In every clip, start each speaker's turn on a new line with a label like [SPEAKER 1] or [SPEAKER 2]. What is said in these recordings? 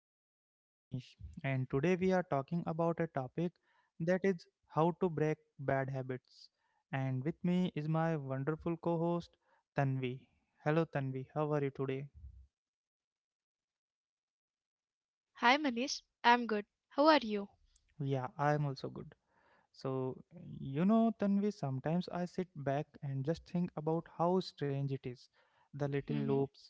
[SPEAKER 1] your host, Manish, and today we are talking about a topic that is how to break bad habits. And with me is my wonderful co host, Tanvi. Hello, Tanvi, how are you today? Yeah, I am also good. So, Tanvi, sometimes I sit back and just think about how strange it is. The little loops,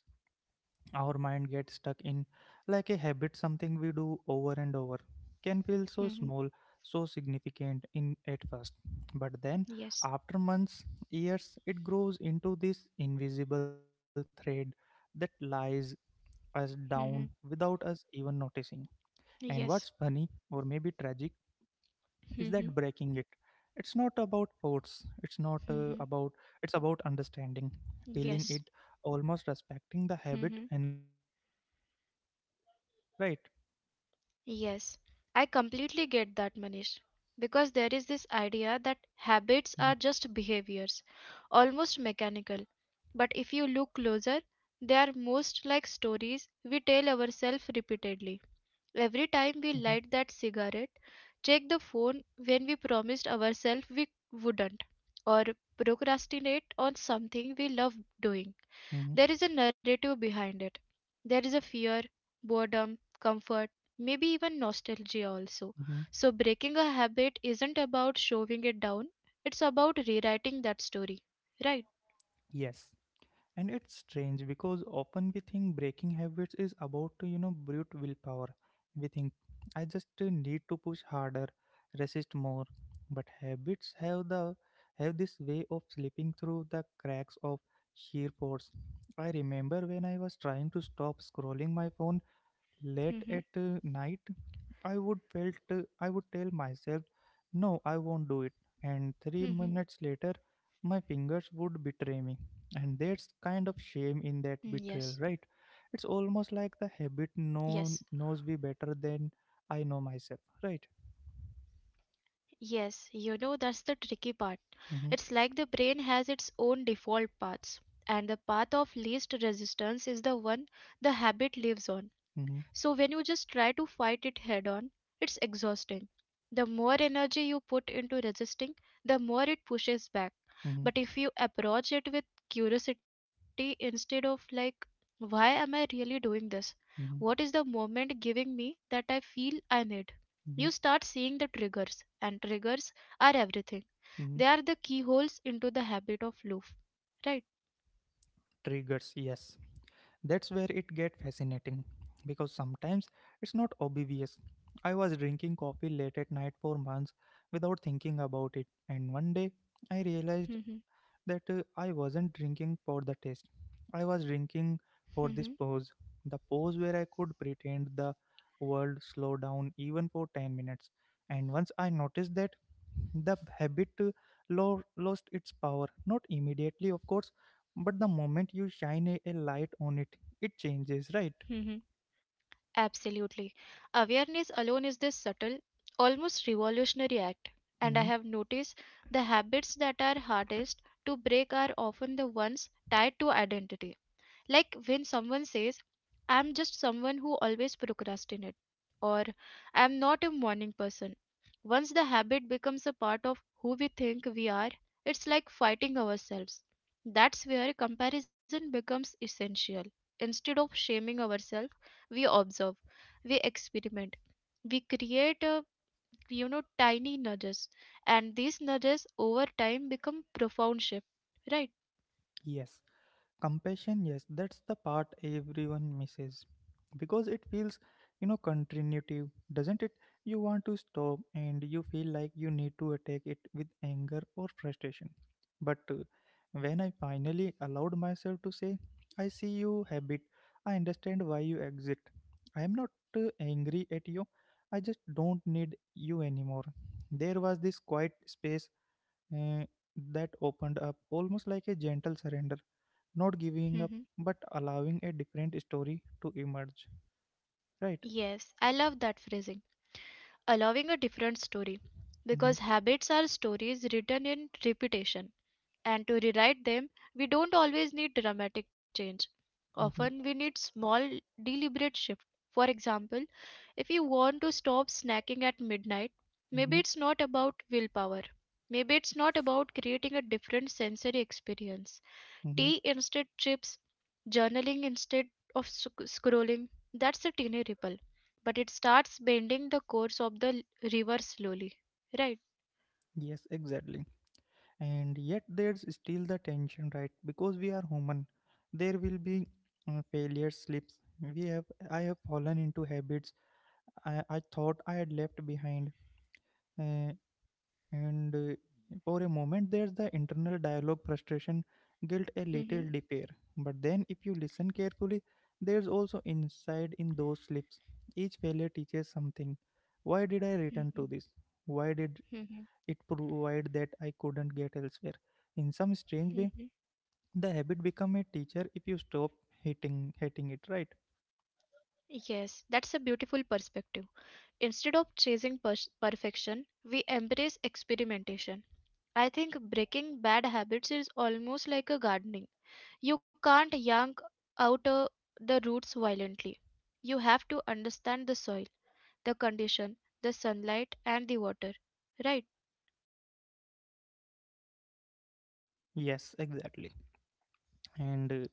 [SPEAKER 1] our mind gets stuck in, like a habit, something we do over and over, can feel so small, so significant in at first, but then after months, years, it grows into this invisible thread that lies us down without us even noticing. And what's funny, or maybe tragic, is that breaking it, it's not about force, it's not about it's about understanding, feeling it, almost respecting the habit enough to let it go, right? Mhm, mhm, mhm, mhm. Yes. And it's strange because often we think breaking habits is about, you know, brute willpower. We think, I just need to push harder, resist more. But habits have the have this way of slipping through the cracks of sheer force. I remember when I was trying to stop scrolling my phone late at night, I would felt I would tell myself, no, I won't do it. And 3 minutes later, my fingers would betray me. And there's kind of shame in that betrayal, right? It's almost like the habit knows me better than I know myself, right? Mm-hmm, mm-hmm, mm-hmm, mm-hmm, mm-hmm. Mm-hmm. Triggers, yes. That's where it gets fascinating because sometimes it's not obvious. I was drinking coffee late at night for months without thinking about it, and one day I realized that I wasn't drinking for the taste. I was drinking for this pose, the pose where I could pretend the world slowed down even for 10 minutes. And once I noticed that, the habit lost its power. Not immediately, of course, but the moment you shine a light on it, it changes, right? Mhm. Yes. Compassion, yes, that's the part everyone misses because it feels, you know, contributive, doesn't it? You want to stop and you feel like you need to attack it with anger or frustration. But when I finally allowed myself to say, I see you habit, I understand why you exit. I am not angry at you, I just don't need you anymore. There was this quiet space uh, that opened up, almost like a gentle surrender, not giving up but allowing a different story to emerge, right? hmm hmm hmm hmm. Yes, exactly. And yet there's still the tension, right? Because we are human, there will be failure slips. We have I have fallen into habits I thought I had left behind. Uh, And For a moment, there's the internal dialogue, frustration, guilt, a little despair. But then, if you listen carefully, there's also inside in those slips. Each failure teaches something. Why did I return to this? Why did it provide that I couldn't get elsewhere? In some strange way, the habit become a teacher if you stop hating it, right? Yes, exactly. And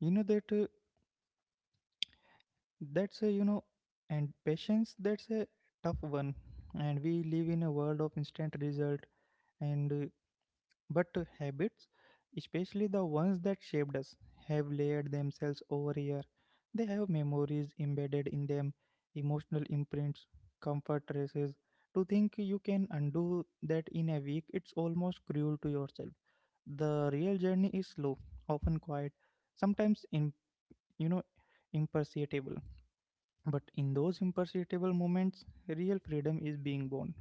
[SPEAKER 1] you know that That's a, you know, and Patience, that's a tough one. And we live in a world of instant result, and but habits, especially the ones that shaped us, have layered themselves over year. They have memories embedded in them, emotional imprints, comfort traces. To think you can undo that in a week, it's almost cruel to yourself. The real journey is slow, often quiet, sometimes in you know imperceptible, but in those imperishable moments, real freedom is being born.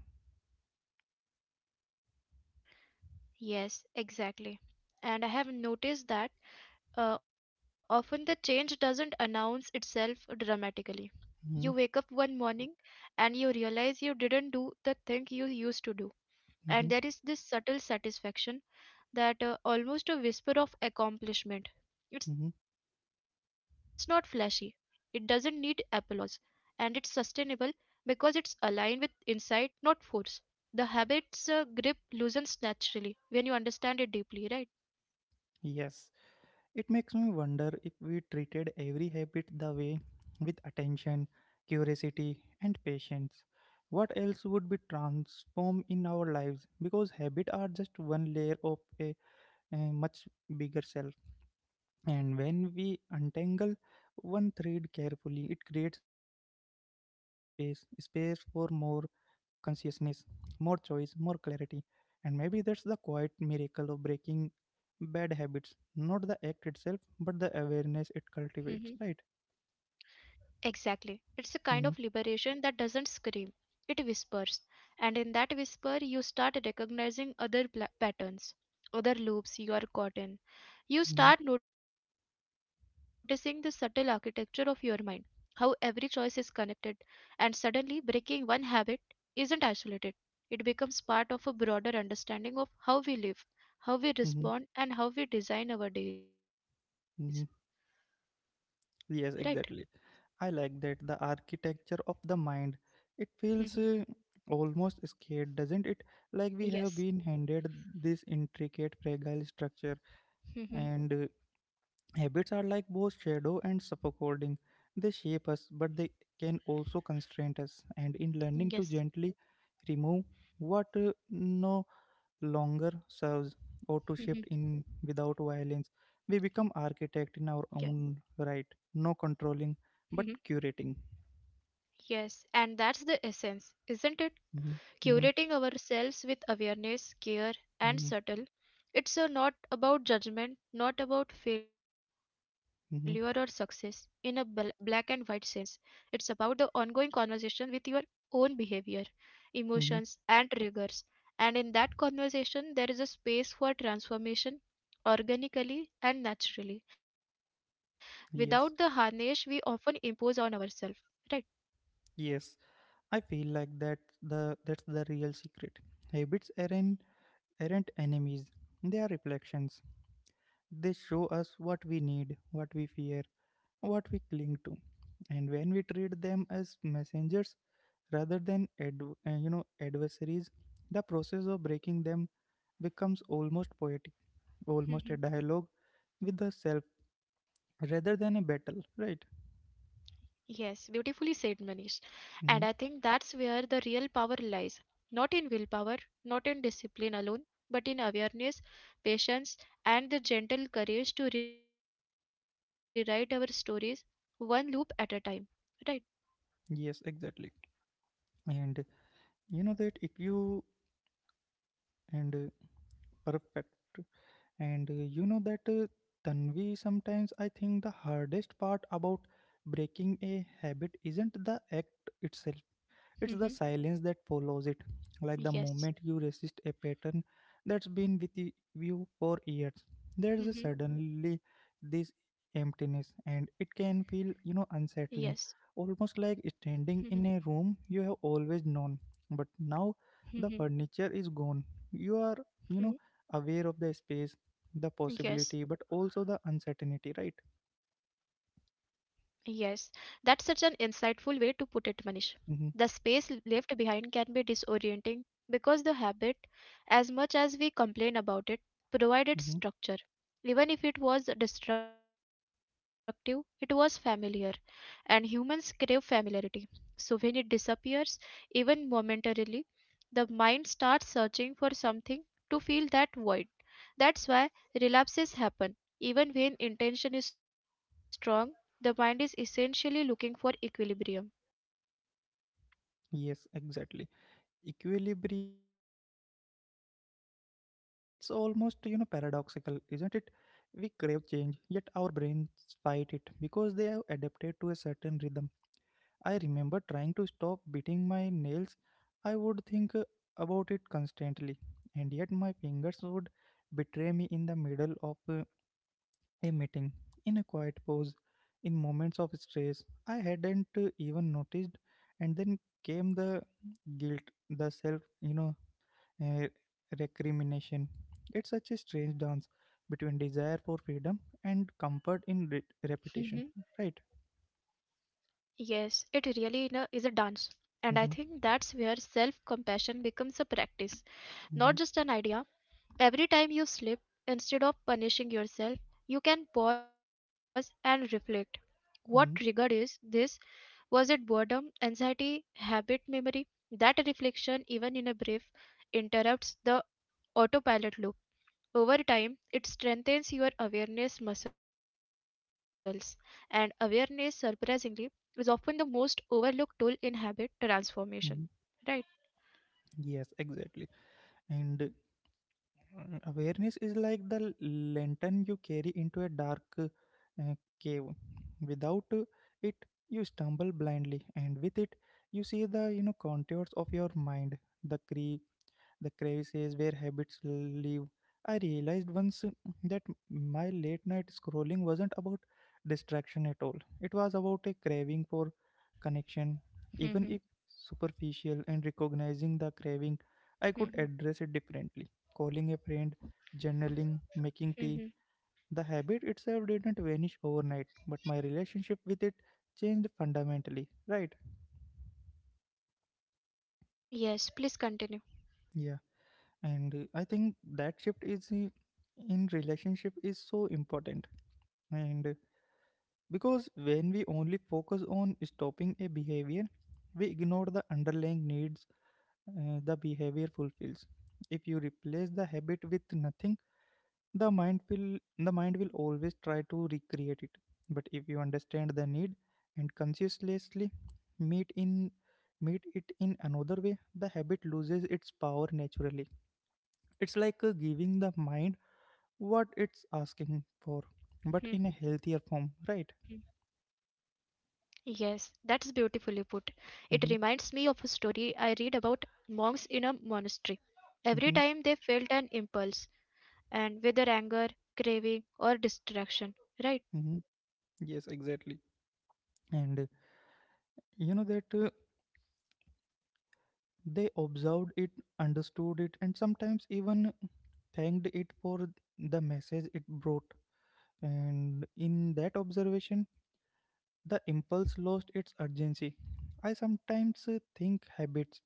[SPEAKER 1] Mhm, mhm, mhm. Yes, it makes me wonder if we treated every habit the way, with attention, curiosity, and patience. What else would be transformed in our lives? Because habits are just one layer of a much bigger self. And when we untangle one thread carefully, it creates a space for more consciousness, more choice, more clarity. And maybe that's the quiet miracle of breaking bad habits, not the act itself, but the awareness it cultivates, right? hmm hmm hmm hmm. Yes, exactly. I like that, the architecture of the mind. It feels almost scared, doesn't it? Like we have been handed this intricate, fragile structure, and habits are like both shadow and scaffolding. They shape us, but they can also constrain us. And in learning to gently remove what no longer serves, or to shift in without violence, we become architect in our own right. No controlling, but curating. hmm hmm hmm hmm hmm. Yes, yes. I feel like that's the real secret. Habits aren't enemies. They are reflections. They show us what we need, what we fear, what we cling to. And when we treat them as messengers rather than adversaries, the process of breaking them becomes almost poetic, almost a dialogue with the self rather than a battle, right? Hmm. Yes, exactly. And you know that if you and perfect. And you know that Tanvi, sometimes I think the hardest part about breaking a habit isn't the act itself, it's the silence that follows it. Like the moment you resist a pattern that's been with you for years, there's a suddenly this emptiness, and it can feel, you know, unsettling, almost like standing in a room you have always known, but now the furniture is gone. You are, you know, aware of the space, the possibility, but also the uncertainty, right? Mm-hmm, mm-hmm. Yes, exactly. Equilibrium, yes. And it's almost, you know, paradoxical, isn't it? We crave change, yet our brains fight it because they have adapted to a certain rhythm. I remember trying to stop beating my nails. I would think about it constantly, and yet my fingers would betray me in the middle of a meeting, in a quiet pause, in moments of stress I hadn't even noticed. And then came the guilt, the self, you know, eh, recrimination. It's such a strange dance between desire for freedom and comfort in repetition, right? Mm-hmm. Mm-hmm. Mm-hmm. Mm-hmm. Yes, exactly. And Awareness is like the lantern you carry into a dark cave. Without it, you stumble blindly, and with it, you see the, you know, contours of your mind, the cre the crevices where habits live. I realized once that my late night scrolling wasn't about distraction at all. It was about a craving for connection, even if superficial, and recognizing the craving, I could address it differently. Calling a friend, journaling, making tea. The habit itself didn't vanish overnight, but my relationship with it changed fundamentally, right? Yeah. and I think that shift is in relationship is so important, and because when we only focus on stopping a behavior, we ignore the underlying needs the behavior fulfills. If you replace the habit with nothing, the mind will the mind will always try to recreate it. But if you understand the need and consciously meet in meet it in another way, the habit loses its power naturally. It's like giving the mind what it's asking for, but in a healthier form, right? Mm-hmm, mm-hmm, mm-hmm. Yes, exactly. And you know that They observed it, understood it, and sometimes even thanked it for the message it brought. And in that observation, the impulse lost its urgency. I sometimes think habits,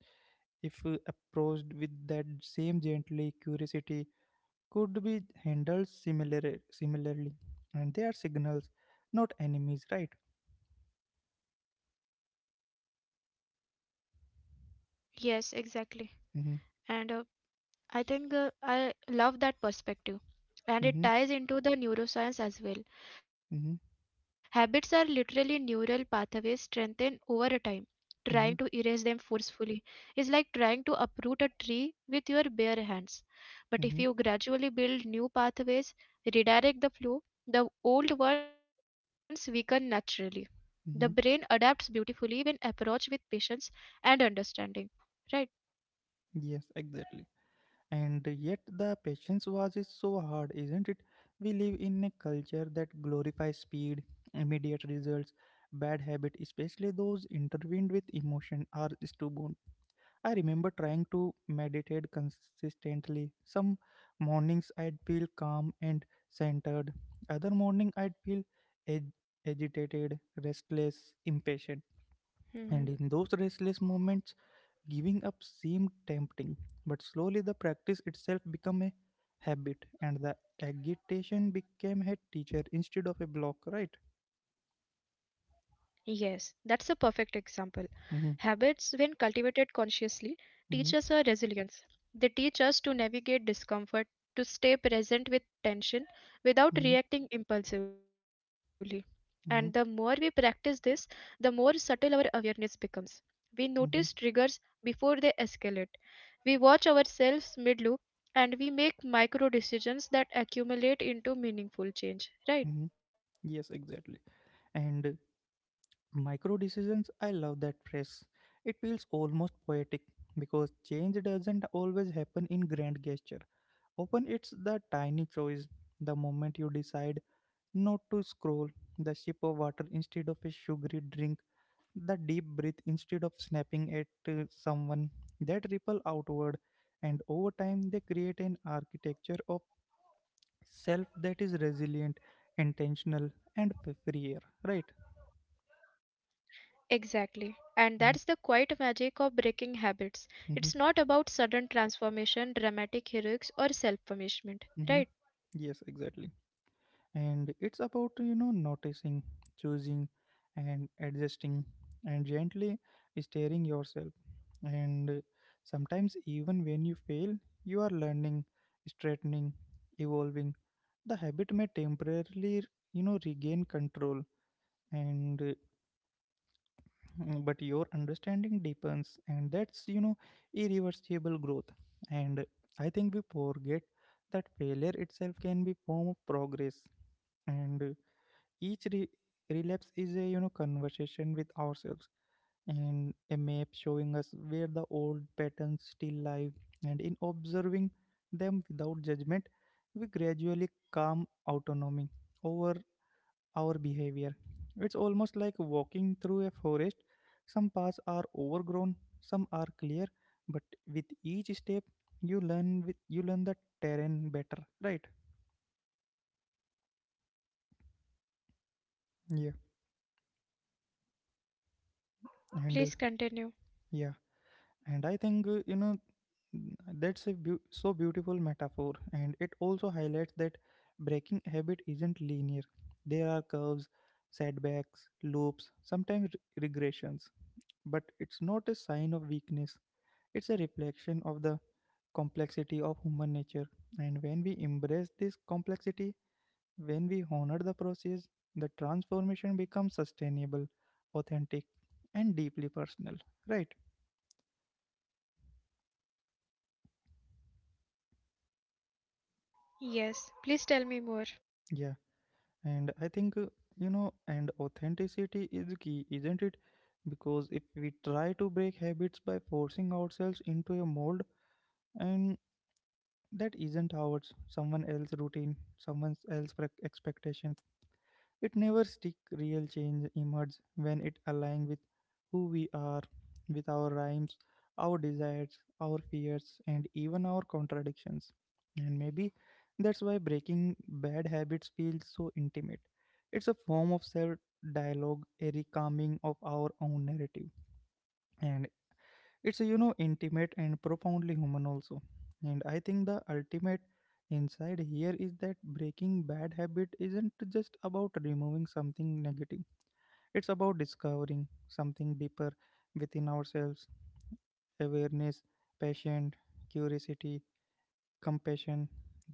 [SPEAKER 1] if approached with that same gently curiosity, could be handled similarly. And they are signals, not enemies, right? Mm-hmm, mm-hmm, mm-hmm, mm-hmm, mm-hmm, mm-hmm. Yes, exactly. And yet the patience was is so hard, isn't it? We live in a culture that glorifies speed, immediate results, bad habit, especially those intertwined with emotion, are stubborn. I remember trying to meditate consistently. Some mornings I'd feel calm and centered. Other morning I'd feel ag- agitated, restless, impatient. And in those restless moments, giving up seemed tempting. But slowly the practice itself became a habit, and the agitation became a teacher instead of a block, right? Mm-hmm, mm-hmm, mm-hmm, mm-hmm, mm-hmm. Yes, exactly. And micro decisions, I love that phrase. It feels almost poetic because change doesn't always happen in grand gesture. Often it's the tiny choice, the moment you decide not to scroll, the sip of water instead of a sugary drink, the deep breath instead of snapping at someone, that ripple outward. And over time, they create an architecture of self that is resilient, intentional, and freer, right? Mm-hmm. Mm-hmm. Mm-hmm. Yes, exactly. And it's about noticing, choosing, and adjusting, and gently steering yourself, and sometimes even when you fail you are learning, straightening, evolving. The habit may temporarily, regain control. And but your understanding deepens, and that's, you know, irreversible growth. And I think we forget that failure itself can be form of progress. And each re- relapse is a, conversation with ourselves, and a map showing us where the old patterns still live. And in observing them without judgment, we gradually calm autonomy over our behavior. It's almost like walking through a forest. Some paths are overgrown, some are clear, but with each step, you learn with you learn the terrain better, right? Yeah, and yeah, and I think you know that's a so beautiful metaphor, and it also highlights that breaking a habit isn't linear. There are curves, setbacks, loops, sometimes regressions. But it's not a sign of weakness, it's a reflection of the complexity of human nature. And when we embrace this complexity, when we honor the process, the transformation becomes sustainable, authentic, and deeply personal, right? Yeah. And I think, and authenticity is key, isn't it? Because if we try to break habits by forcing ourselves into a mold, and that isn't ours, someone else's routine, someone else's expectation, it never stick. Real change emerges when it aligns with who we are, with our rhymes, our desires, our fears, and even our contradictions. And maybe that's why breaking bad habits feels so intimate. It's a form of self dialogue, a recalming of our own narrative. And it's, you know, intimate and profoundly human also. And I think the ultimate insight here is that breaking bad habit isn't just about removing something negative. It's about discovering something deeper within ourselves. Awareness, patience, curiosity, compassion.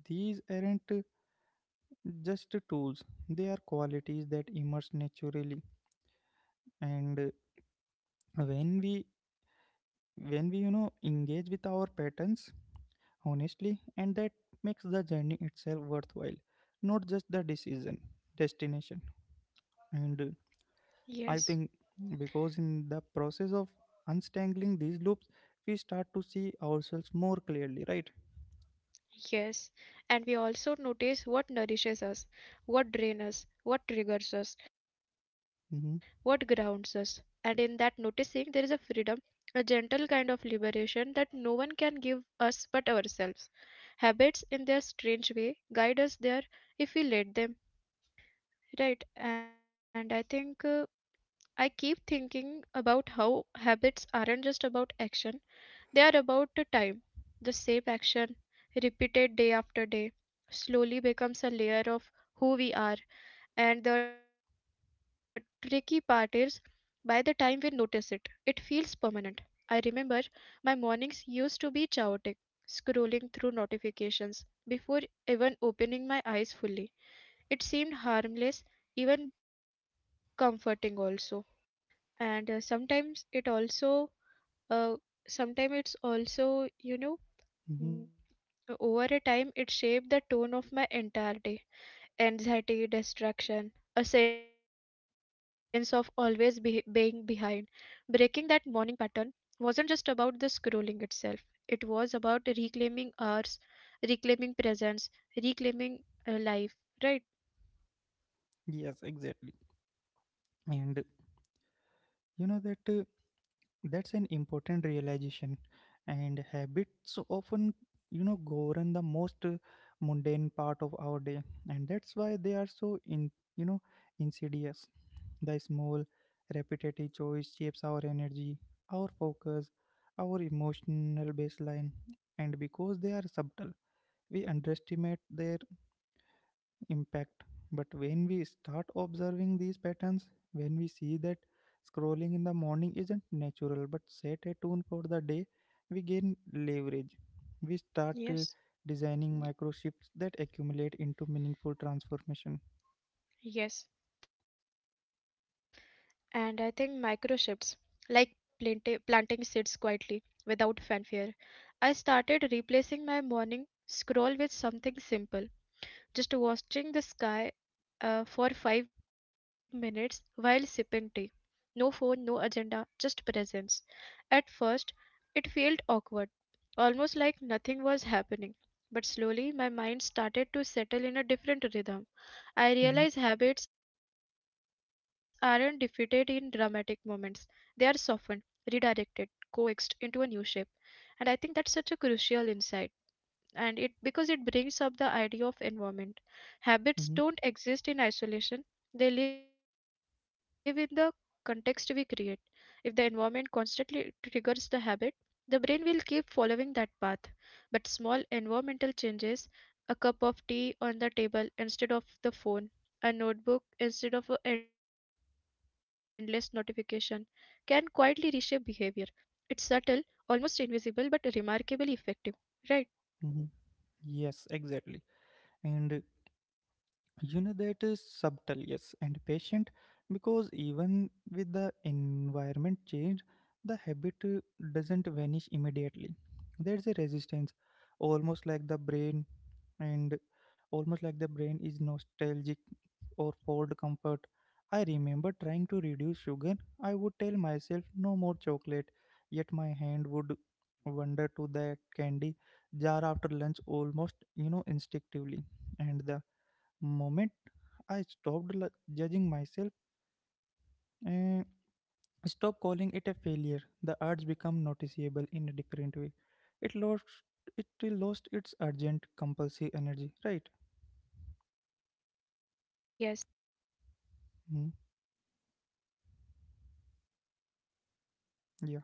[SPEAKER 1] These aren't just tools. They are qualities that emerge naturally. And when we when we, engage with our patterns honestly, and that makes the journey itself worthwhile, not just the decision, destination. And I think, because in the process of untangling these loops, we start to see ourselves more clearly, right? Mm-hmm, mm-hmm. Yes, exactly. And you know that. uh, that's an important realization. And habits often, govern the most mundane part of our day, and that's why they are so in you know insidious. The small repetitive choice shapes our energy, our focus, our emotional baseline, and because they are subtle we underestimate their impact. But when we start observing these patterns, when we see that scrolling in the morning isn't natural but set a tone for the day, we gain leverage. We start designing micro shifts that accumulate into meaningful transformation. Mhm, mhm, mhm. Yes, exactly. And you know, that is subtle, yes, and patient, because even with the environment change, the habit doesn't vanish immediately. There's a resistance, almost like the brain, and almost like the brain is nostalgic or for comfort. I remember trying to reduce sugar. I would tell myself no more chocolate, yet my hand would wander to that candy jar after lunch almost, you know, instinctively. And the moment I stopped judging myself and stopped calling it a failure, the urge became noticeable in a different way. It lost it lost its urgent compulsive energy, right? Mm, yeah,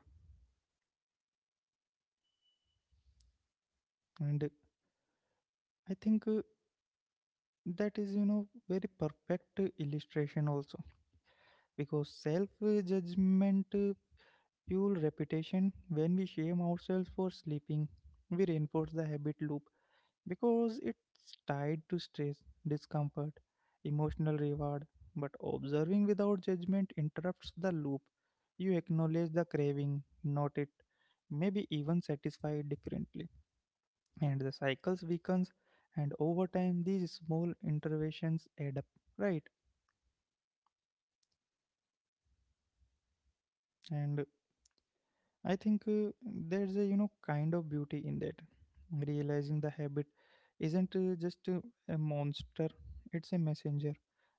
[SPEAKER 1] and I think that is, very perfect illustration also, because self judgment fuel reputation. When we shame ourselves for sleeping, we reinforce the habit loop because it's tied to stress, discomfort, emotional reward. But observing without judgment interrupts the loop. You acknowledge the craving, note it, maybe even satisfy it differently. And the cycles weakens, and over time these small interventions add up, right? And I think there's a, kind of beauty in that. Realizing the habit isn't just a monster, it's a messenger.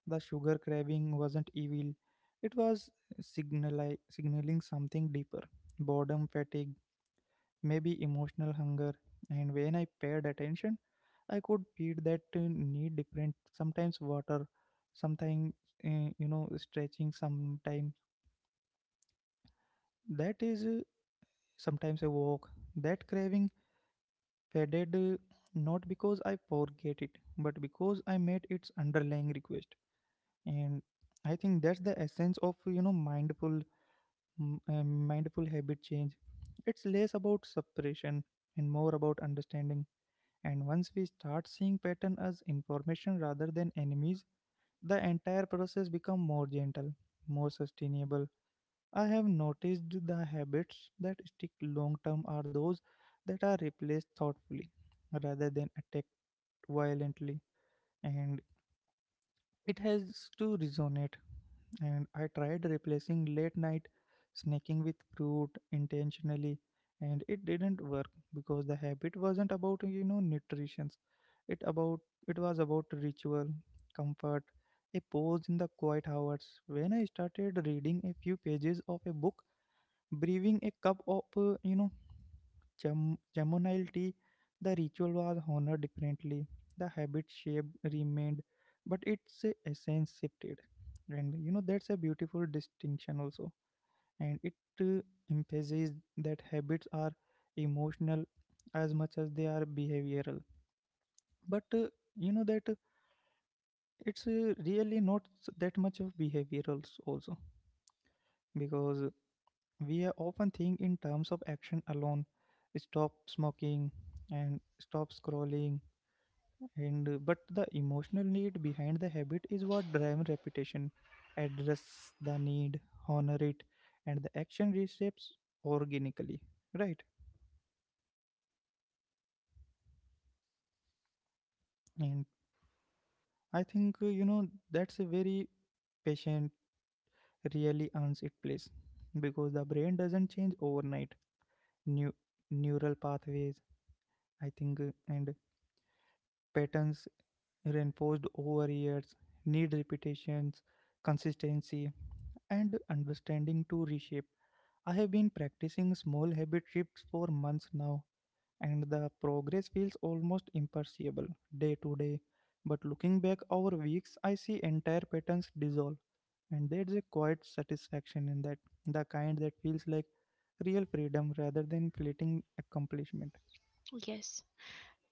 [SPEAKER 1] The sugar craving wasn't evil, it was signaling something deeper, boredom, fatigue, maybe emotional hunger. And when I paid attention, I could feed that need different, sometimes water, sometimes, stretching, sometimes that is sometimes a walk. That craving faded, not because I forget it, but because I met its underlying request. And I think that's the essence of, mindful, mindful habit change. It's less about suppression and more about understanding, and once we start seeing pattern as information rather than enemies, the entire process become more gentle, more sustainable. I have noticed the habits that stick long term are those that are replaced thoughtfully rather than attacked violently, and it has to resonate. And I tried replacing late night snacking with fruit intentionally, and it didn't work because the habit wasn't about, nutrition. It about it was about ritual, comfort, a pause in the quiet hours. When I started reading a few pages of a book, brewing a cup of, Jamunal tea, the ritual was honored differently. The habit shape remained, but its essence shifted. And you know, that's a beautiful distinction also. And it uh, emphasizes that habits are emotional as much as they are behavioral. But you know that it's really not that much of behavioral also, because we are often think in terms of action alone, stop smoking and stop scrolling. And but the emotional need behind the habit is what drives repetition. Address the need, honor it, and the action reshapes organically, right? And I think that's a very patient, really earns its place, because the brain doesn't change overnight. New neural pathways, I think, and patterns reinforced over years need repetitions, consistency, and understanding to reshape. I have been practicing small habit shifts for months now, and the progress feels almost imperceptible day to day. But looking back over weeks, I see entire patterns dissolve, and there's a quiet satisfaction in that, the kind that feels like real freedom rather than fleeting accomplishment.
[SPEAKER 2] Yes,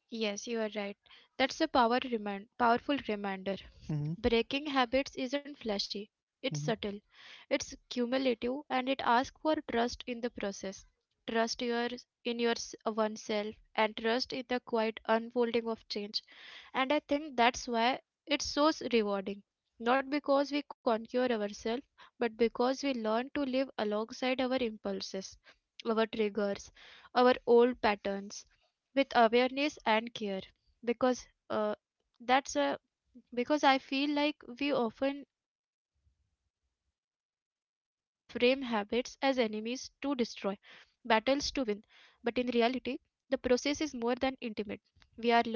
[SPEAKER 2] yes, you are right. That's a powerful reminder.
[SPEAKER 1] Hmm.
[SPEAKER 2] Breaking habits isn't flashy, it's
[SPEAKER 1] Hmm.
[SPEAKER 2] subtle, it's cumulative, and it asks for trust in the process. Trust your, in your s- oneself and trust in the quiet unfolding of change. And I think that's why it's so rewarding. Not because we conquer ourselves, but because we learn to live alongside our impulses, our triggers, our old patterns with awareness and care. Because that's a Because I feel like we often frame habits as enemies to destroy, battles to win, but in reality, the process is more than intimate. We are learning to negotiate,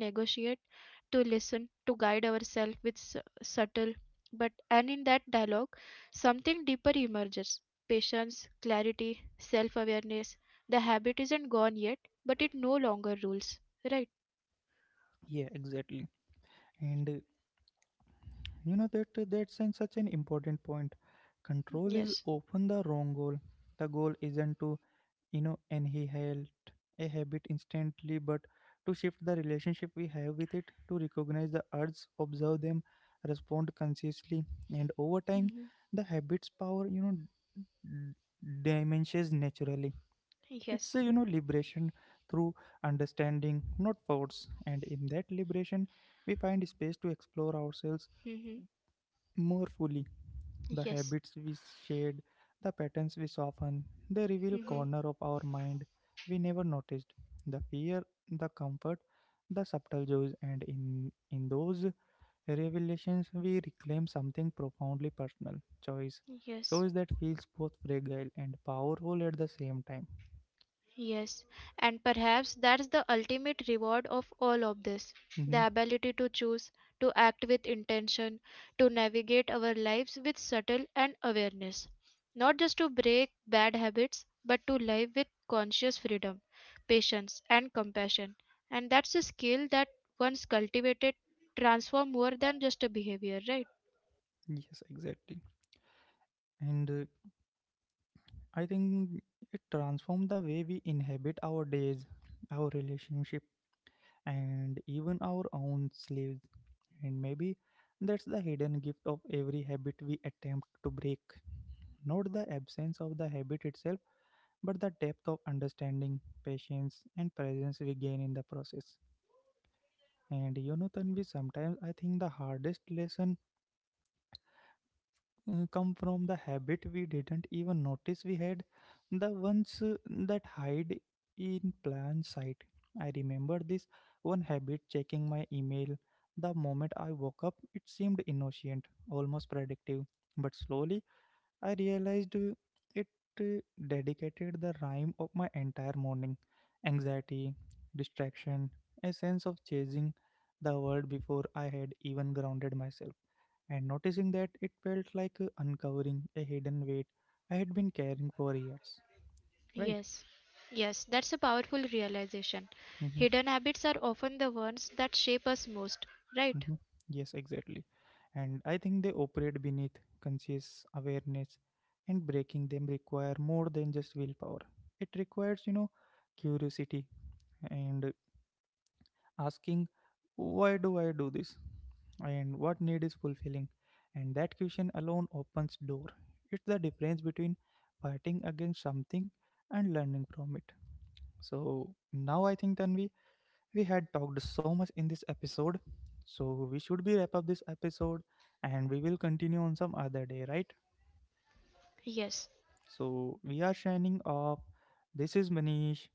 [SPEAKER 2] to listen, to guide ourselves with subtle, but and in that dialogue, something deeper emerges patience, clarity, self awareness. The habit isn't gone yet, but it no longer rules. Right?
[SPEAKER 1] Yeah, exactly. And that, that's an, such an important point. Control is
[SPEAKER 2] Yes.
[SPEAKER 1] often the wrong goal. The goal isn't to, inhaled a habit instantly, but to shift the relationship we have with it, to recognize the urges, observe them, respond consciously, and over time
[SPEAKER 2] hmm
[SPEAKER 1] the habits power, diminishes naturally. It's a,
[SPEAKER 2] Yes.
[SPEAKER 1] liberation through understanding, not force, and in that liberation we find space to explore ourselves
[SPEAKER 2] hmm
[SPEAKER 1] more fully. The
[SPEAKER 2] Yes.
[SPEAKER 1] habits we shared, the patterns we soften, they reveal
[SPEAKER 2] Mhm.
[SPEAKER 1] corner of our mind we never noticed. The fear, the comfort, the subtle joys, and in those revelations we reclaim something profoundly personal, choice.
[SPEAKER 2] Yes,
[SPEAKER 1] Choice that feels both fragile and powerful at the same time.
[SPEAKER 2] yes. And perhaps that's the ultimate reward of all of this,
[SPEAKER 1] Hmm.
[SPEAKER 2] the ability to choose, to act with intention, to navigate our lives with subtle and awareness. Not just to break bad habits, but to live with conscious freedom, patience, and compassion. And that's a skill that, once cultivated, transform more than just a behavior, right?
[SPEAKER 1] Yes, exactly. And I think it transforms the way we inhabit our days, our relationship, and even our own slaves. And maybe that's the hidden gift of every habit we attempt to break. Not the absence of the habit itself, but the depth of understanding, patience, and presence we gain in the process. And you know, Tanvi, sometimes I think the hardest lesson come from the habit we didn't even notice we had, the ones that hide in plain sight. I remember this one habit, checking my email. The moment I woke up, it seemed innocent, almost predictive. But slowly, I realized, it, uh, dedicated the rhyme of my entire morning. Anxiety, distraction, a sense of chasing the world before I had even grounded myself, and noticing that it felt like uncovering a hidden weight I had been carrying for years, right?
[SPEAKER 2] Yes, yes, that's a powerful realization.
[SPEAKER 1] Mm-hmm.
[SPEAKER 2] Hidden habits are often the ones that shape us most, right?
[SPEAKER 1] Mm-hmm. Yes, exactly. And I think they operate beneath conscious awareness, and breaking them require more than just willpower. It requires, you know, curiosity, and asking, why do I do this? And what need is fulfilling? And that question alone opens door. It's the difference between fighting against something and learning from it. So now I think then we had talked so much in this episode. So we should be wrap up this episode, and we will continue on some other day, right?
[SPEAKER 2] Yes,
[SPEAKER 1] So we are shining off. This is Manish.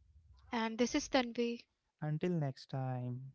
[SPEAKER 2] and this is Tanvi.
[SPEAKER 1] Until next time.